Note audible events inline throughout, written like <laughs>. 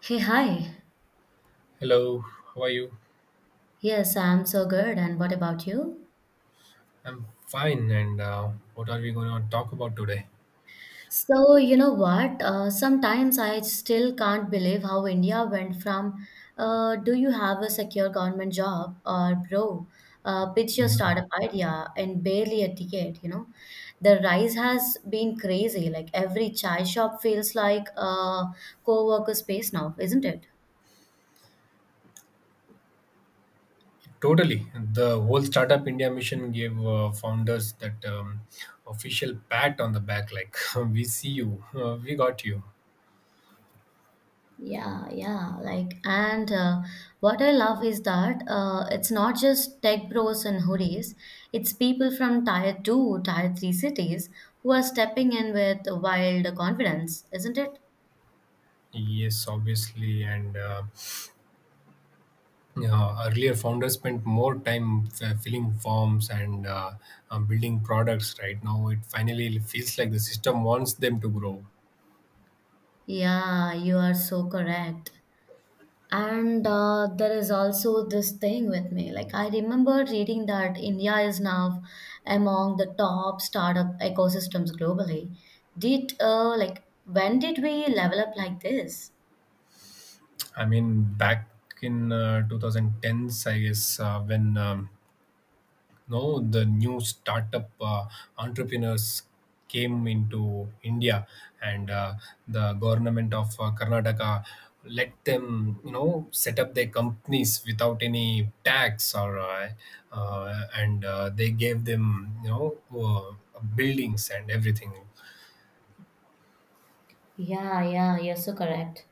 Hey, hi. Hello, how are you? Yes, I'm so good. And what about you? I'm fine. And what are we going to talk about today? So, you know what? Sometimes I still can't believe how India went from do you have a secure government job or bro, pitch your Mhm. startup idea and barely a ticket, you know? The rise has been crazy. Like every chai shop feels like a co-worker space now, isn't it? Totally. The whole Startup India mission gave founders that official pat on the back, like, <laughs> we see you, we got you. Yeah, yeah. Like, and what I love is that it's not just tech bros and hoodies, it's people from tier two, tier three cities who are stepping in with wild confidence, isn't it? Yes, obviously. And Earlier, founders spent more time filling forms and building products. Right now, it finally feels like the system wants them to grow. Yeah, you are so correct. And There is also this thing with me. Like, I remember reading that India is now among the top startup ecosystems globally. Like, when did we level up like this? I mean, back in 2010s, I guess, when no the new startup entrepreneurs came into India, and the government of Karnataka let them, you know, set up their companies without any tax or and they gave them, you know, buildings and everything. Yeah, yeah, you're so correct.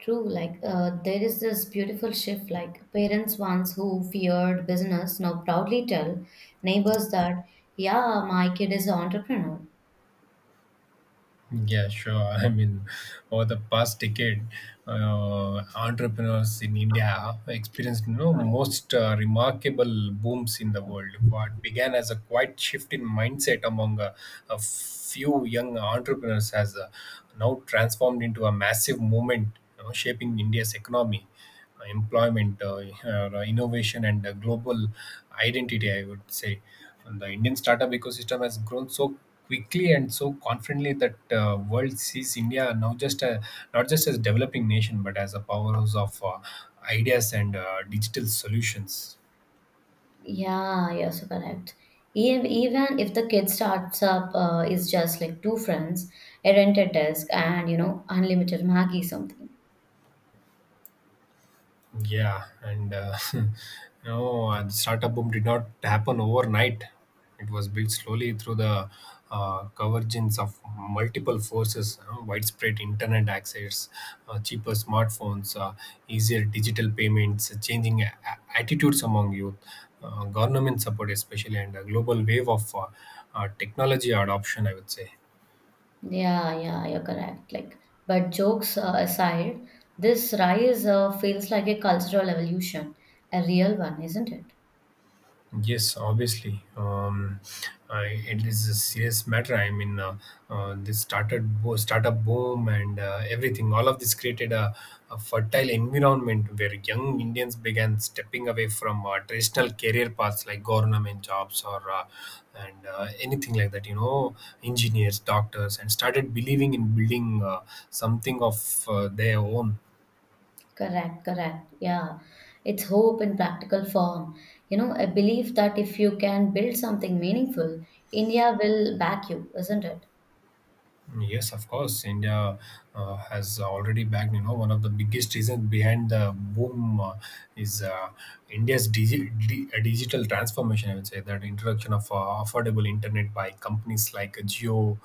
True, like there is this beautiful shift. Like parents once who feared business now proudly tell neighbors that, yeah, my kid is an entrepreneur. Yeah, sure. <laughs> I mean, over the past decade, entrepreneurs in India experienced, you know, most remarkable booms in the world. What began as a quiet shift in mindset among a few young entrepreneurs has now transformed into a massive movement, you know, shaping India's economy, employment, innovation, and global identity, I would say. And the Indian startup ecosystem has grown so quickly and so confidently that world sees India now not just as developing nation but as a powerhouse of ideas and digital solutions. Yeah, you're so correct. Even if the kid starts up is just like two friends, a rented desk, and you know unlimited Maggie something. Yeah, and <laughs> no, the startup boom did not happen overnight. It was built slowly through the convergence of multiple forces: widespread internet access, cheaper smartphones, easier digital payments, changing attitudes among youth, government support especially, and a global wave of technology adoption, I would say. Yeah, yeah, you're correct. Like, but jokes aside, this rise feels like a cultural evolution, a real one, isn't it? Yes, obviously. I, it is a serious matter. I mean, this startup boom and everything. All of this created a, A fertile environment where young Indians began stepping away from traditional career paths like government jobs or and anything like that. You know, engineers, doctors, and started believing in building something of their own. Correct, correct. Yeah. It's hope in practical form. You know, a belief that if you can build something meaningful, India will back you, isn't it? Yes, of course. India has already backed. You know, one of the biggest reasons behind the boom is India's digital transformation, I would say. That introduction of affordable internet by companies like Jio, you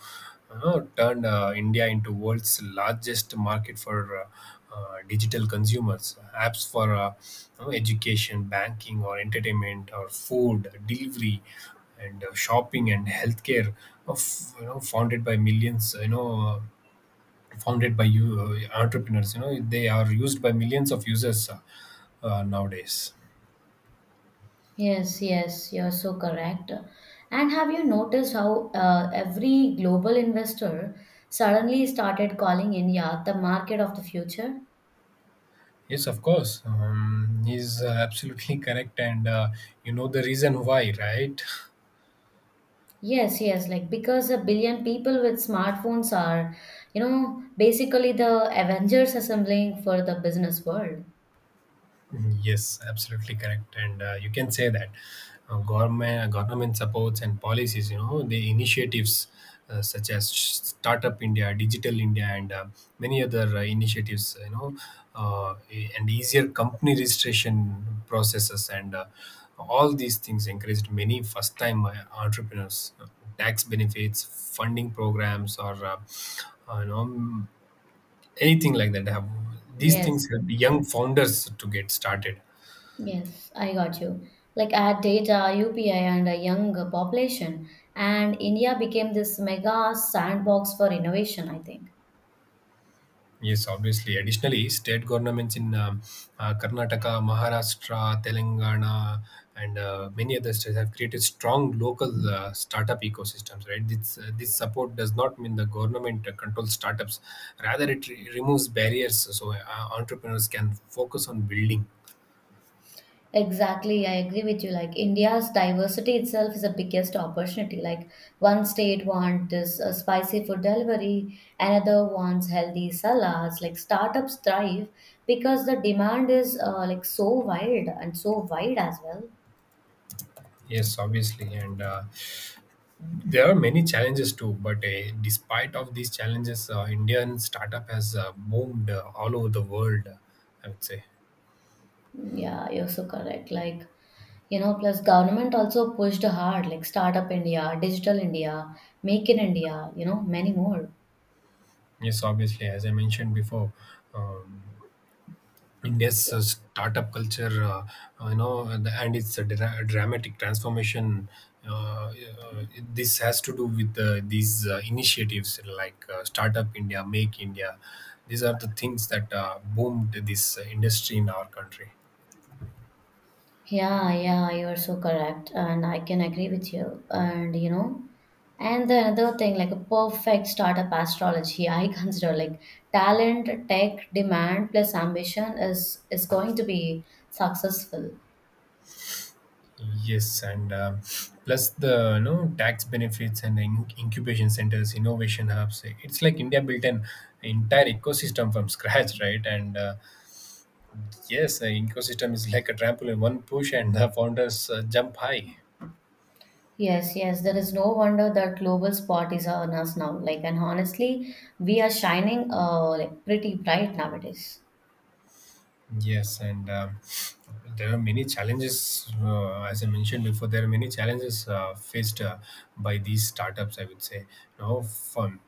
know, turned India into world's largest market for digital consumers. Apps for you know, education, banking, or entertainment, or food delivery and shopping and healthcare, of you know, founded by millions, you know, founded by you entrepreneurs, you know, they are used by millions of users, nowadays. Yes, yes, you're so correct. And have you noticed how every global investor suddenly started calling India the market of the future? Yes, of course. He's absolutely correct, and you know the reason why, right? Yes, yes, like because a billion people with smartphones are, you know, basically the Avengers assembling for the business world. Yes, absolutely correct, and you can say that government supports and policies, you know, the initiatives such as Startup India, Digital India, and many other initiatives, you know, and easier company registration processes, and all these things encouraged many first-time entrepreneurs. Tax benefits, funding programs, or you know, anything like that. Have these Yes, things help yes, young founders to get started? yes, I got you. Like add data, UPI, and a young population, and India became this mega sandbox for innovation, I think. Yes, obviously. Additionally, state governments in Karnataka, Maharashtra, Telangana, and many other states have created strong local startup ecosystems. Right, this support does not mean the government controls startups; rather, it removes barriers so entrepreneurs can focus on building. Exactly, I agree with you. Like India's diversity itself is the biggest opportunity. Like one state wants this spicy food delivery, another wants healthy salads. Like startups thrive because the demand is like so wild and so wide as well. Yes, obviously, and there are many challenges too. But despite of these challenges, Indian startup has boomed all over the world, I would say. Yeah, you're so correct. Like, you know, plus government also pushed hard, like Startup India, Digital India, Make in India, you know, many more. Yes, obviously, as I mentioned before, um, India's startup culture, you know, and its a dramatic transformation. Uh, uh, this has to do with these initiatives like Startup India, Make India. These are the things that boomed this industry in our country. Yeah, yeah, you're so correct, and I can agree with you. And you know, and the another thing, like a perfect startup astrology, <laughs> I consider like talent, tech, demand plus ambition is going to be successful. Yes, and plus the, you know, tax benefits and the incubation centers, innovation hubs. It's like India built an entire ecosystem from scratch, right? And yes, the ecosystem is like a trampoline. One push and the founders jump high. Yes, yes, there is no wonder that global spot is on us now. Like, and honestly, we are shining like pretty bright nowadays. Yes, and there are many challenges. As I mentioned before, there are many challenges faced by these startups, I would say. You know, fun.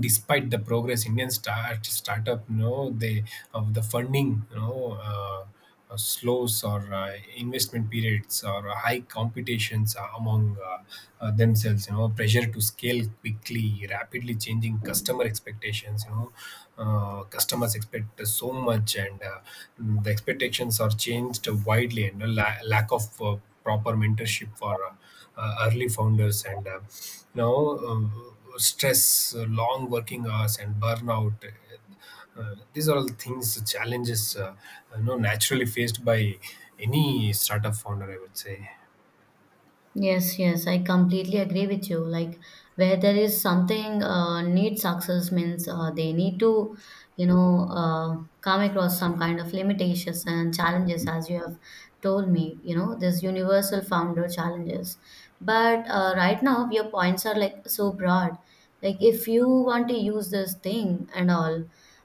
Despite the progress, Indian startup, you know, they of the funding, you know, slows or investment periods or high competitions among themselves, you know, pressure to scale quickly, rapidly changing customer expectations, you know, customers expect so much, and the expectations are changed widely, and the lack of proper mentorship for early founders, and you know, stress, long working hours, and burnout. These are all things, challenges, you know, naturally faced by any startup founder, I would say. Yes, yes, I completely agree with you. Like where there is something need success means they need to, you know, come across some kind of limitations and challenges, as you have told me. You know, this universal founder challenges. But right now, your points are like so broad. Like if you want to use this thing and all,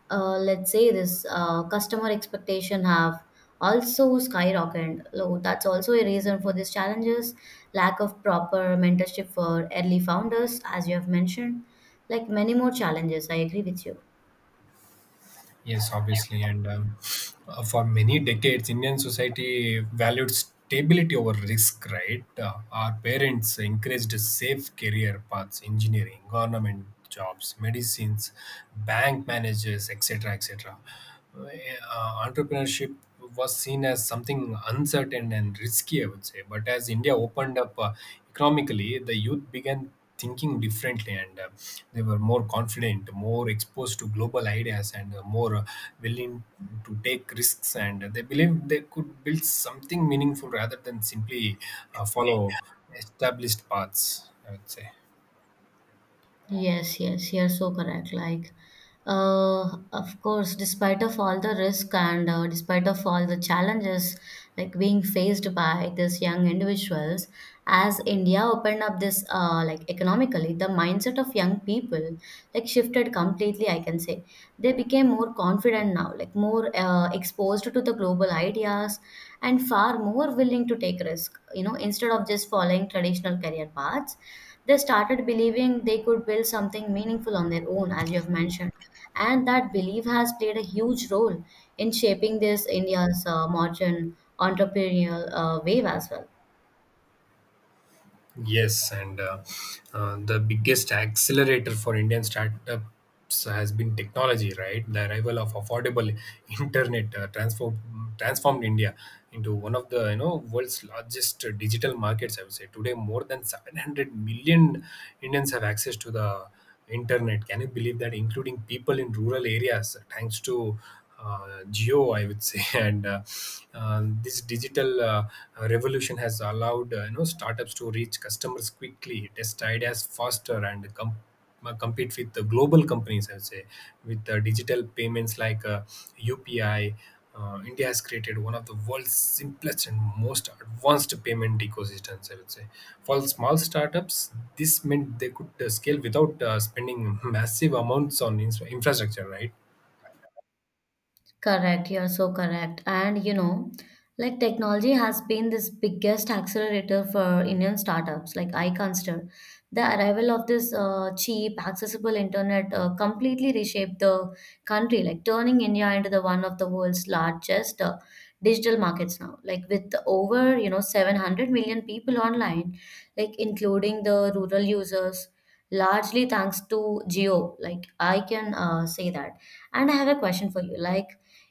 let's say this customer expectation have also skyrocketed. So that's also a reason for these challenges. Lack of proper mentorship for early founders, as you have mentioned, like many more challenges. I agree with you. Yes, obviously. And for many decades, Indian society valued stability over risk, right? Our parents encouraged safe career paths, engineering, government jobs, medicines, bank managers, etc., etc. Uh, entrepreneurship was seen as something uncertain and risky, I would say. But as India opened up economically, the youth began thinking differently, and they were more confident, more exposed to global ideas, and more willing to take risks. And they believed they could build something meaningful rather than simply follow established paths, I would say. Yes, yes, you're so correct. Like, of course, despite of all the risk and despite of all the challenges like being faced by these young individuals, as India opened up this like economically, the mindset of young people like shifted completely. I can say they became more confident now, like more exposed to the global ideas and far more willing to take risk. You know, instead of just following traditional career paths they started believing they could build something meaningful on their own, as you have mentioned. And that belief has played a huge role in shaping this India's modern entrepreneurial wave as well. Yes, and the biggest accelerator for Indian startups has been technology, right? The arrival of affordable <laughs> internet transformed India into one of the, you know, world's largest digital markets, I would say. Today, more than 700 million Indians have access to the internet. Can you believe that, including people in rural areas, thanks to geo, I would say, <laughs> and this digital revolution has allowed, you know, startups to reach customers quickly, test ideas faster, and compete with the global companies, I would say. With digital payments like UPI, India has created one of the world's simplest and most advanced payment ecosystems, I would say. For small startups, this meant they could scale without spending massive amounts on infrastructure, right? Correct, you're so correct. And you know, like technology has been this biggest accelerator for Indian startups, like I consider. The arrival of this cheap, accessible internet completely reshaped the country, like turning India into the one of the world's largest digital markets now. Like with over, you know, 700 million people online, like including the rural users, largely thanks to Geo. Like I can say that. And I have a question for you, like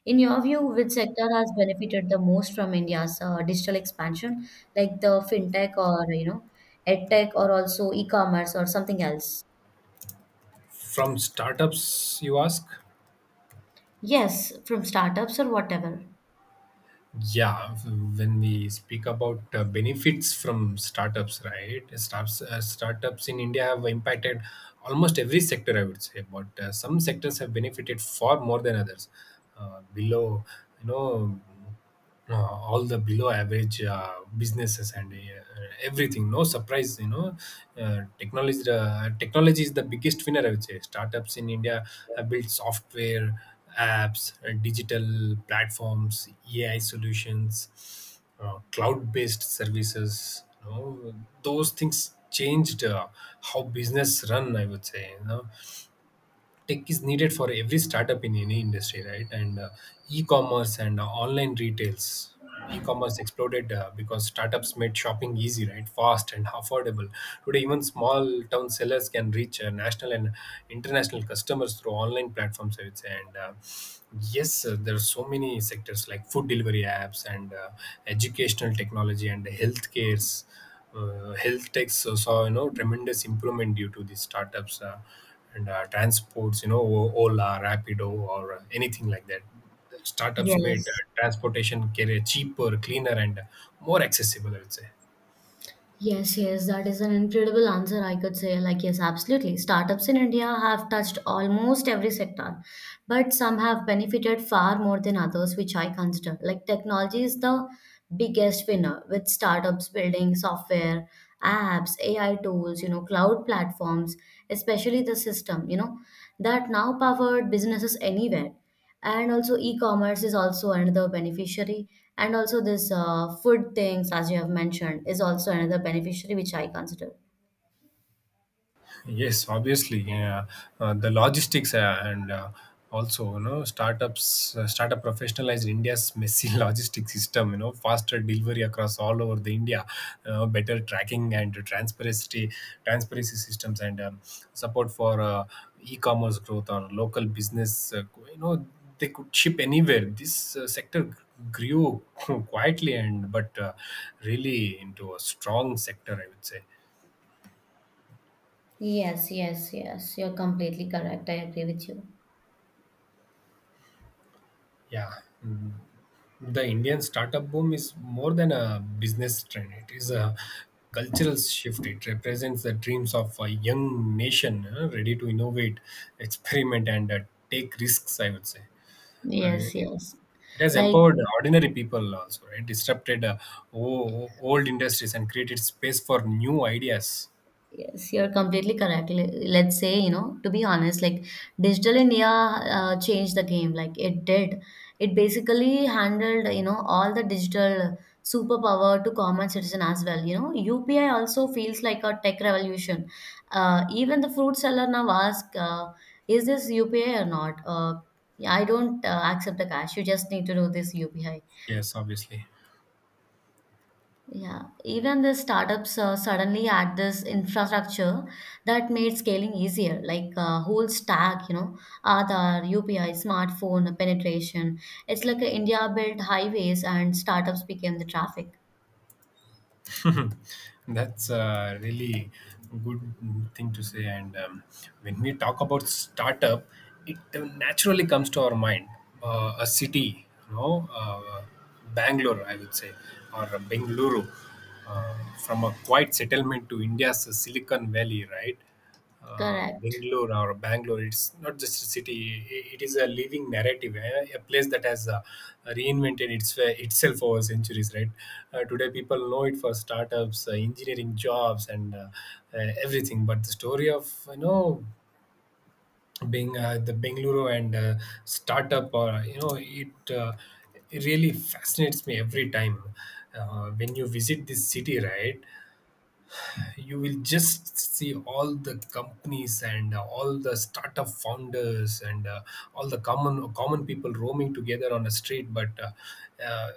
in your view, which sector has benefited the most from India's digital expansion, like the fintech or you know, edtech or also e-commerce or something else? From startups, you ask? Yes, from startups or whatever. Yeah, when we speak about benefits from startups, right? Startups in India have impacted almost every sector, I would say, but some sectors have benefited far more than others. Below, you know, uh, all the below average businesses and everything, no surprise, you know. Technology is the biggest winner, I would say. Startups in India have built software, apps, digital platforms, AI solutions, cloud based services, you know, those things changed how business run, I would say. You know, tech is needed for every startup in any industry, right? And e-commerce and online retails. E-commerce exploded because startups made shopping easy, right, fast and affordable. Today, even small town sellers can reach national and international customers through online platforms, I would say. And yes, there are so many sectors like food delivery apps and educational technology and healthcare's health tech, so, saw, you know, tremendous improvement due to these startups, and transports, you know, Ola, Rapido, or anything like that. Startups made Yes. Transportation carrier cheaper, cleaner, and more accessible, I would say. Yes, yes, that is an incredible answer, I could say. Like, yes, absolutely. Startups in India have touched almost every sector, but some have benefited far more than others, which I consider. Like, technology is the biggest winner with startups building software, apps, AI tools, you know, cloud platforms, especially the system, you know, that now powered businesses anywhere and also e-commerce is also another beneficiary and also this food things as you have mentioned is also another beneficiary which I consider. Yes, obviously, yeah. The logistics and also, you know, startup professionalized India's messy <laughs> logistics system. You know, faster delivery across all over the India, better tracking and transparency systems, and support for e-commerce growth or local business. You know, they could ship anywhere. This sector grew <laughs> quietly, and but really into a strong sector, I would say. Yes, yes, yes. You're completely correct. I agree with you. Yeah. Mm. The Indian startup boom is more than a business trend. It is a cultural shift. It represents the dreams of a young nation ready to innovate, experiment, and take risks, I would say. Uh, Yes, yes, it has like. empowered ordinary people also, right? Disrupted old industries and created space for new ideas. Yes, you're completely correct. Let's say, you know, to be honest, like Digital India changed the game. Like it did. It basically handled, you know, all the digital superpower to common citizen as well. You know, UPI also feels like a tech revolution. Even the fruit seller now ask, is this UPI or not? I don't accept the cash. You just need to do this UPI. Yes, obviously. Yeah, even the startups suddenly add this infrastructure that made scaling easier, like whole stack, you know, Aadhaar, UPI, smartphone penetration. It's like India built highways and startups became the traffic. <laughs> That's a really good thing to say. And when we talk about startup, it naturally comes to our mind a city, you know, Bangalore, I would say, or Bengaluru, uh, from a quiet settlement to India's Silicon Valley, right? Correct. Bangalore, it's not just a city; it is a living narrative, eh, a place that has reinvented itself over centuries, right? Today, people know it for startups, engineering jobs, and everything. But the story of being the Bangalore and startup, or it really fascinates me every time when you visit this city. Right? You will just see all the companies and all the startup founders and all the common people roaming together on a street, but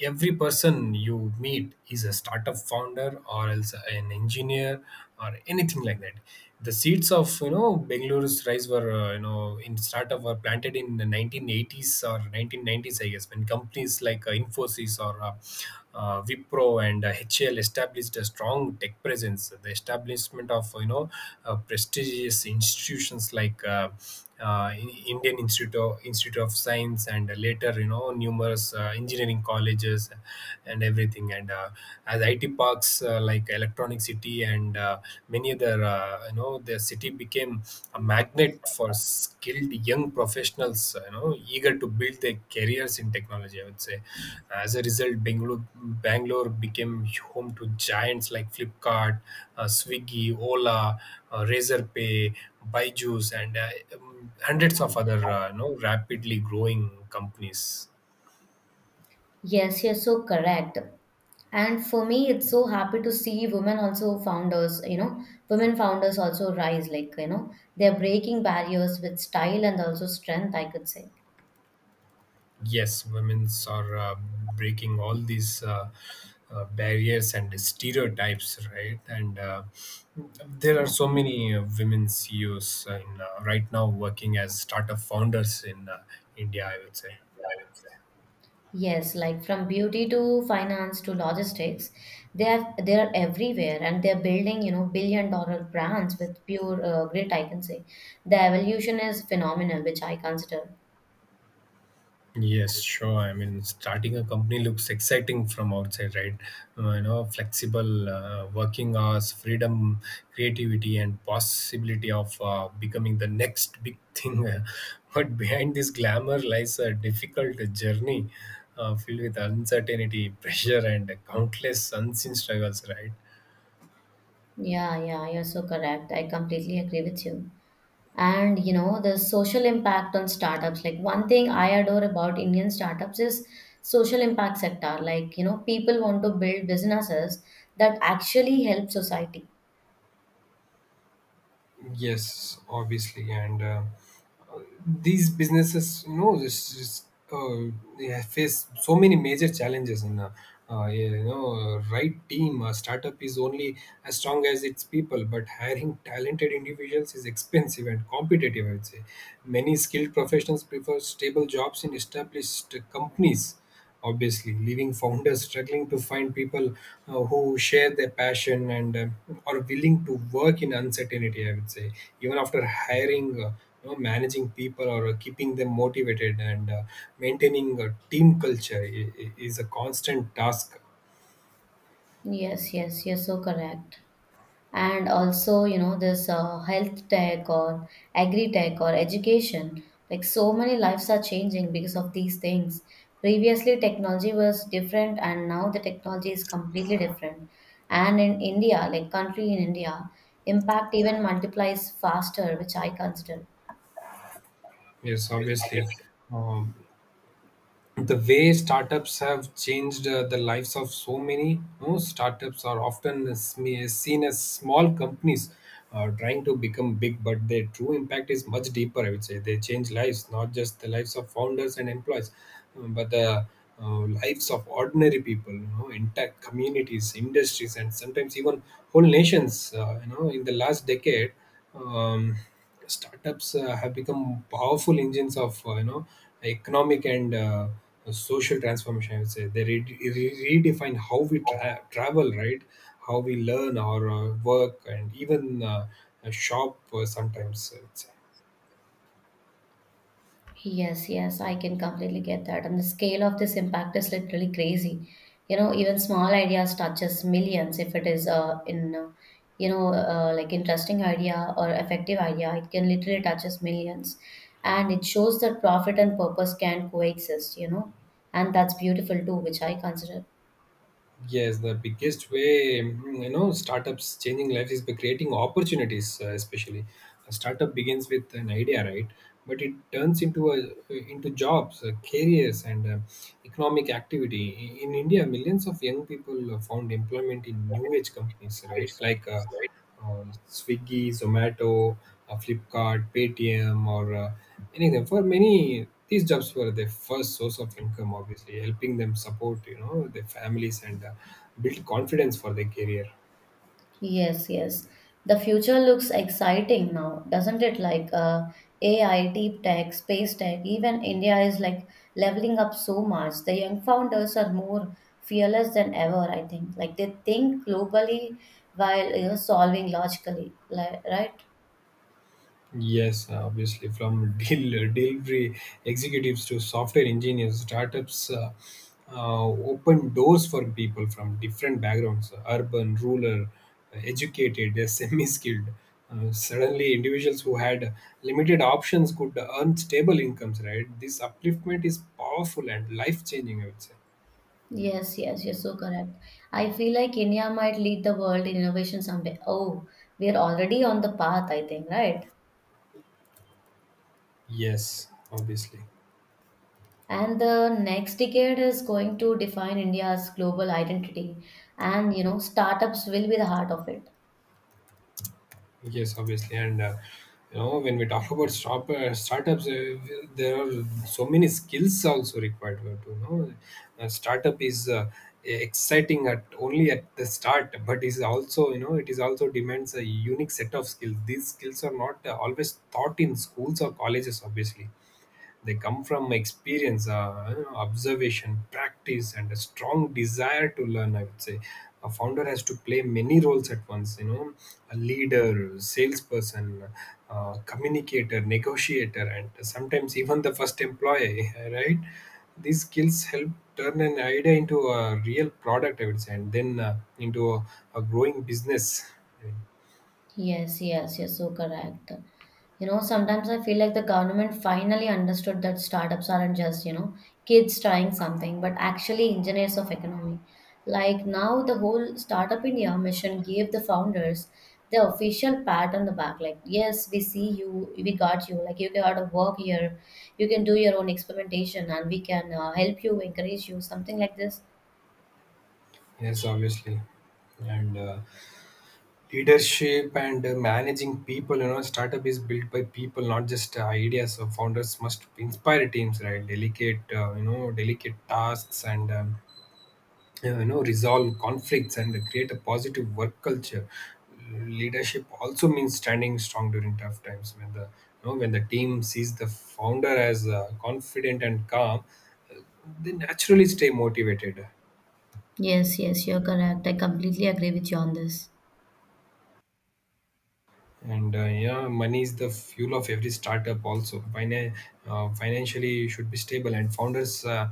every person you meet is a startup founder or else an engineer or anything like that. The seeds of Bengaluru's rise were in startup were planted in the 1980s or 1990s, I guess, when companies like Infosys or Wipro and HCL established a strong tech presence. The establishment of prestigious institutions like In- Indian Institute of Science and later, numerous engineering colleges and everything. And as IT parks like Electronic City and many other, their city became a magnet for skilled young professionals eager to build their careers in technology, I would say. As a result, Bangalore became home to giants like Flipkart, Swiggy, Ola, Razorpay, Byju's, and hundreds of other, rapidly growing companies. Yes, you're so correct. And for me, it's so happy to see women also founders, you know, women founders also rise, like, you know, they're breaking barriers with style and also strength, I could say. Yes, women's are breaking all these barriers and stereotypes, right? And there are Yeah. so many women CEOs in, right now working as startup founders in India, I would say. Yes, like from beauty to finance to logistics, they are everywhere, and they're building you know billion-dollar brands with pure grit. I can say the evolution is phenomenal, which I consider. Yes, sure. I mean, starting a company looks exciting from outside, right? Flexible working hours, freedom, creativity, and possibility of becoming the next big thing. <laughs> But behind this glamour lies a difficult journey filled with uncertainty, pressure, and countless unseen struggles, right? Yeah, yeah, you're so correct. I completely agree with you. And you know, the social impact on startups, like one thing I adore about Indian startups is social impact sector. Like, you know, people want to build businesses that actually help society. Yes, obviously, and these businesses, you know, uh, they have face so many major challenges. And right team, a startup is only as strong as its people, but hiring talented individuals is expensive and competitive, I would say. Many skilled professionals prefer stable jobs in established companies, obviously, leaving founders struggling to find people who share their passion and are willing to work in uncertainty, I would say. Even after hiring, managing people or keeping them motivated and maintaining a team culture is a constant task. Yes, yes, you're so correct. And also you know this health tech or agri tech or education like so many lives are changing because of these things. Previously technology was different and now the technology is completely different and in India like country in India impact even multiplies faster which I consider. Yes, obviously. um, the way startups have changed the lives of so many, no, startups are often seen as small companies trying to become big, but their true impact is much deeper, I would say. They change lives, not just the lives of founders and employees, but the lives of ordinary people, you know, entire communities, industries, and sometimes even whole nations. In the last decade, um, startups have become powerful engines of economic and social transformation, I would say. They redefine how we travel, right? How we learn, our work, and even shop, sometimes, I would say. Yes, yes, I can completely get that. And the scale of this impact is literally crazy. You know, even small ideas touches millions if it is you know, like interesting idea or effective idea, it can literally touches millions. And it shows that profit and purpose can coexist, you know, and that's beautiful too, which I consider. Yes, the biggest way, you know, startups changing lives is by creating opportunities. Especially, a startup begins with an idea, right? But it turns into jobs, careers, and economic activity. In India, millions of young people found employment in new age companies, right? Like on Swiggy, Zomato, Flipkart, Paytm, or anything. For many, these jobs were their first source of income, obviously, helping them support, you know, their families and build confidence for their career. Yes, yes. The future looks exciting now, doesn't it? Like AI, deep tech, space tech, even India is like leveling up so much. The young founders are more fearless than ever, I think. Like they think globally while you know solving logically, like, right? Yes, obviously, from <laughs> delivery executives to software engineers, startups open doors for people from different backgrounds: urban, rural, educated, <laughs> semi skilled. Suddenly, individuals who had limited options could earn stable incomes, right? This upliftment is powerful and life changing, I would say. Yes, yes, you're so correct. I feel like India might lead the world in innovation someday. Oh, we are already on the path, I think, right? Yes, obviously. And the next decade is going to define India's global identity and you know startups will be the heart of it. Yes, obviously, and when we talk about startups, there are so many skills also required to. A startup is exciting at only at the start, but is also, you know, it is also demands a unique set of skills. These skills are not always taught in schools or colleges, obviously. They come from experience, observation, practice, and a strong desire to learn, I would say. A founder has to play many roles at once. You know, a leader, salesperson, communicator, negotiator, and sometimes even the first employee. <laughs> Right? These skills help turn an idea into a real product, I would say, and then into a growing business. Yes, yes, you're so correct. You know, sometimes I feel like the government finally understood that startups aren't just, you know, kids trying something, but actually engineers of economy. Like now, the whole Startup India mission gave the founders the official pat on the back, like, yes, we see you, we got you, like, you got to work here, you can do your own experimentation, and we can help you, encourage you, something like this. Yes, obviously, and. Leadership and managing people, you know, startup is built by people, not just ideas. So founders must inspire teams, right, delegate, delicate tasks, and, resolve conflicts and create a positive work culture. Leadership also means standing strong during tough times, when the, you know, when the team sees the founder as confident and calm, they naturally stay motivated. Yes, yes, you're correct. I completely agree with you on this. And yeah, money is the fuel of every startup also. Financially, you should be stable, and founders uh,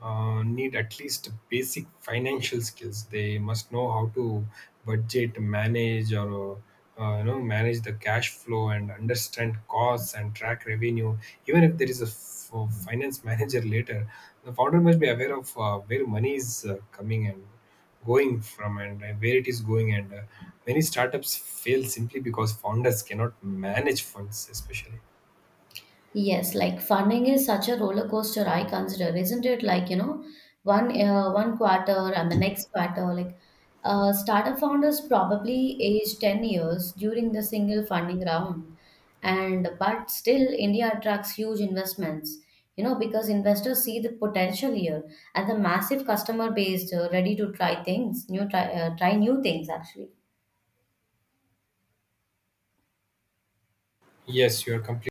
uh, need at least basic financial skills. They must know how to budget, manage, or manage the cash flow and understand costs and track revenue. Even if there is a finance <laughs> manager later, the founder must be aware of where money is coming and going from, and where it is going, and many startups fail simply because founders cannot manage funds, especially. Yes, like funding is such a roller coaster, I consider, isn't it? Like, you know, one quarter and the next quarter, like startup founders probably age 10 years during the single funding round. And but still India attracts huge investments, you know, because investors see the potential here and the massive customer base ready to try things, try new things actually. Yes, you are complete.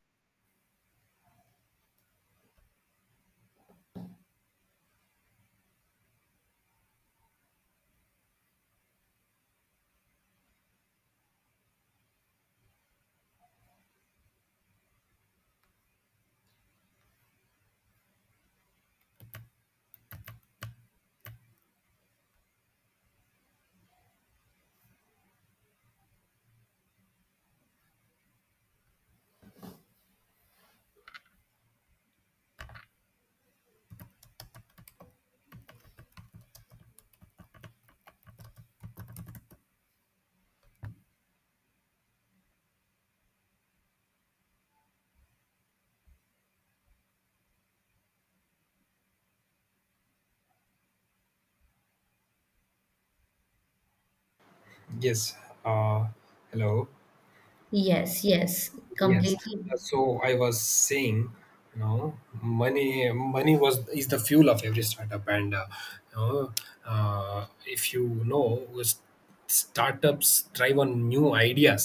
Yes, uh, hello. Yes, yes, Yes, completely. so I was saying, you know, money money was is the fuel of every startup, and, you know, uh, if you know s- startups thrive on new ideas.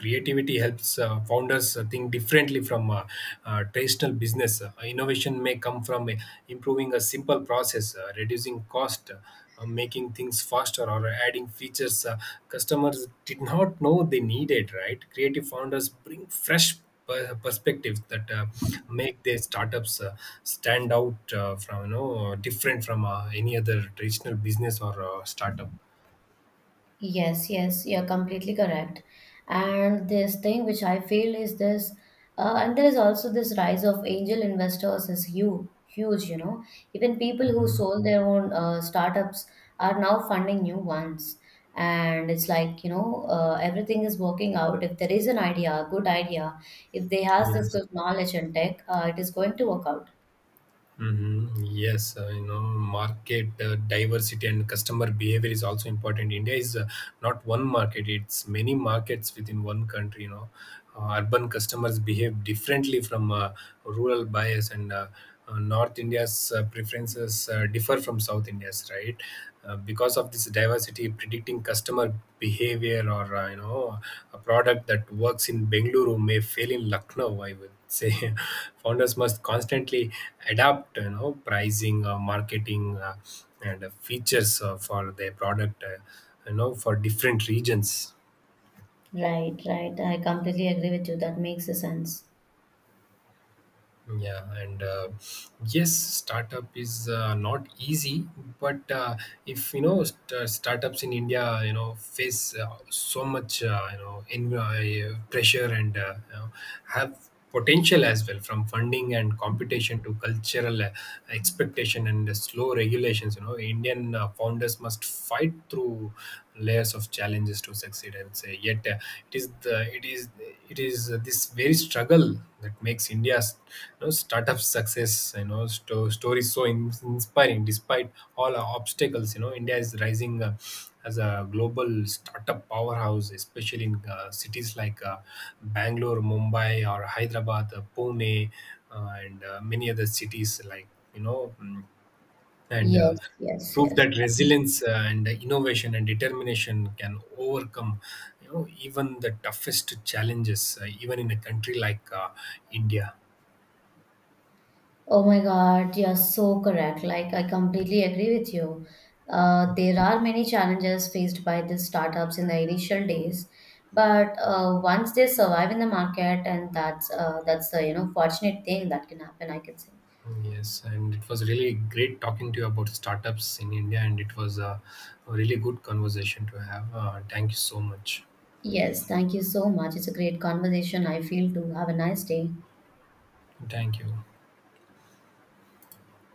Creativity helps founders think differently from traditional business. Innovation may come from improving a simple process, reducing cost, making things faster, or adding features customers did not know they needed, right? Creative founders bring fresh perspectives that make their startups stand out, from, you know, different from any other traditional business or startup. Yes, yes, you're completely correct. And this thing which I feel is this, and there is also this rise of angel investors is huge, huge, you know. Even people who Mhm. sold their own startups are now funding new ones. And it's like, you know, everything is working out. If there is an idea, a good idea, if they has this Yes. good knowledge and tech, it is going to work out. Mm-hmm. Yes, market diversity and customer behavior is also important. India is not one market; it's many markets within one country. You know, urban customers behave differently from rural bias, and North India's preferences differ from South India's, right? Because of this diversity, predicting customer behavior or, a product that works in Bengaluru may fail in Lucknow, I would say. <laughs> Founders must constantly adapt, you know, pricing, marketing, and features for their product, for different regions. Right, right. I completely agree with you. That makes a sense. Yeah, and yes, startup is not easy, but if you know, startups in India, you know, face so much, you know in pressure and, have potential as well, from funding and competition to cultural expectation and slow regulations. You know, Indian founders must fight through layers of challenges to succeed, I would say. Yet it is the it is this very struggle that makes India's, you know, startup success, you know, story so inspiring. Despite all our obstacles, you know, India is rising as a global startup powerhouse, especially in cities like Bangalore, Mumbai, or Hyderabad, Pune, and many other cities like, you know mm, and Yes, yes, prove yes. that resilience and innovation and determination can overcome, you know, even the toughest challenges, even in a country like India. Oh my God, you're so correct. Like, I completely agree with you. There are many challenges faced by these startups in the initial days, but once they survive in the market, and that's the you know fortunate thing that can happen, I can say. Yes, and it was really great talking to you about startups in India, and it was a really good conversation to have. Uh, thank you so much. Yes, thank you so much. It's a great conversation. I feel too. Have a nice day. Thank you.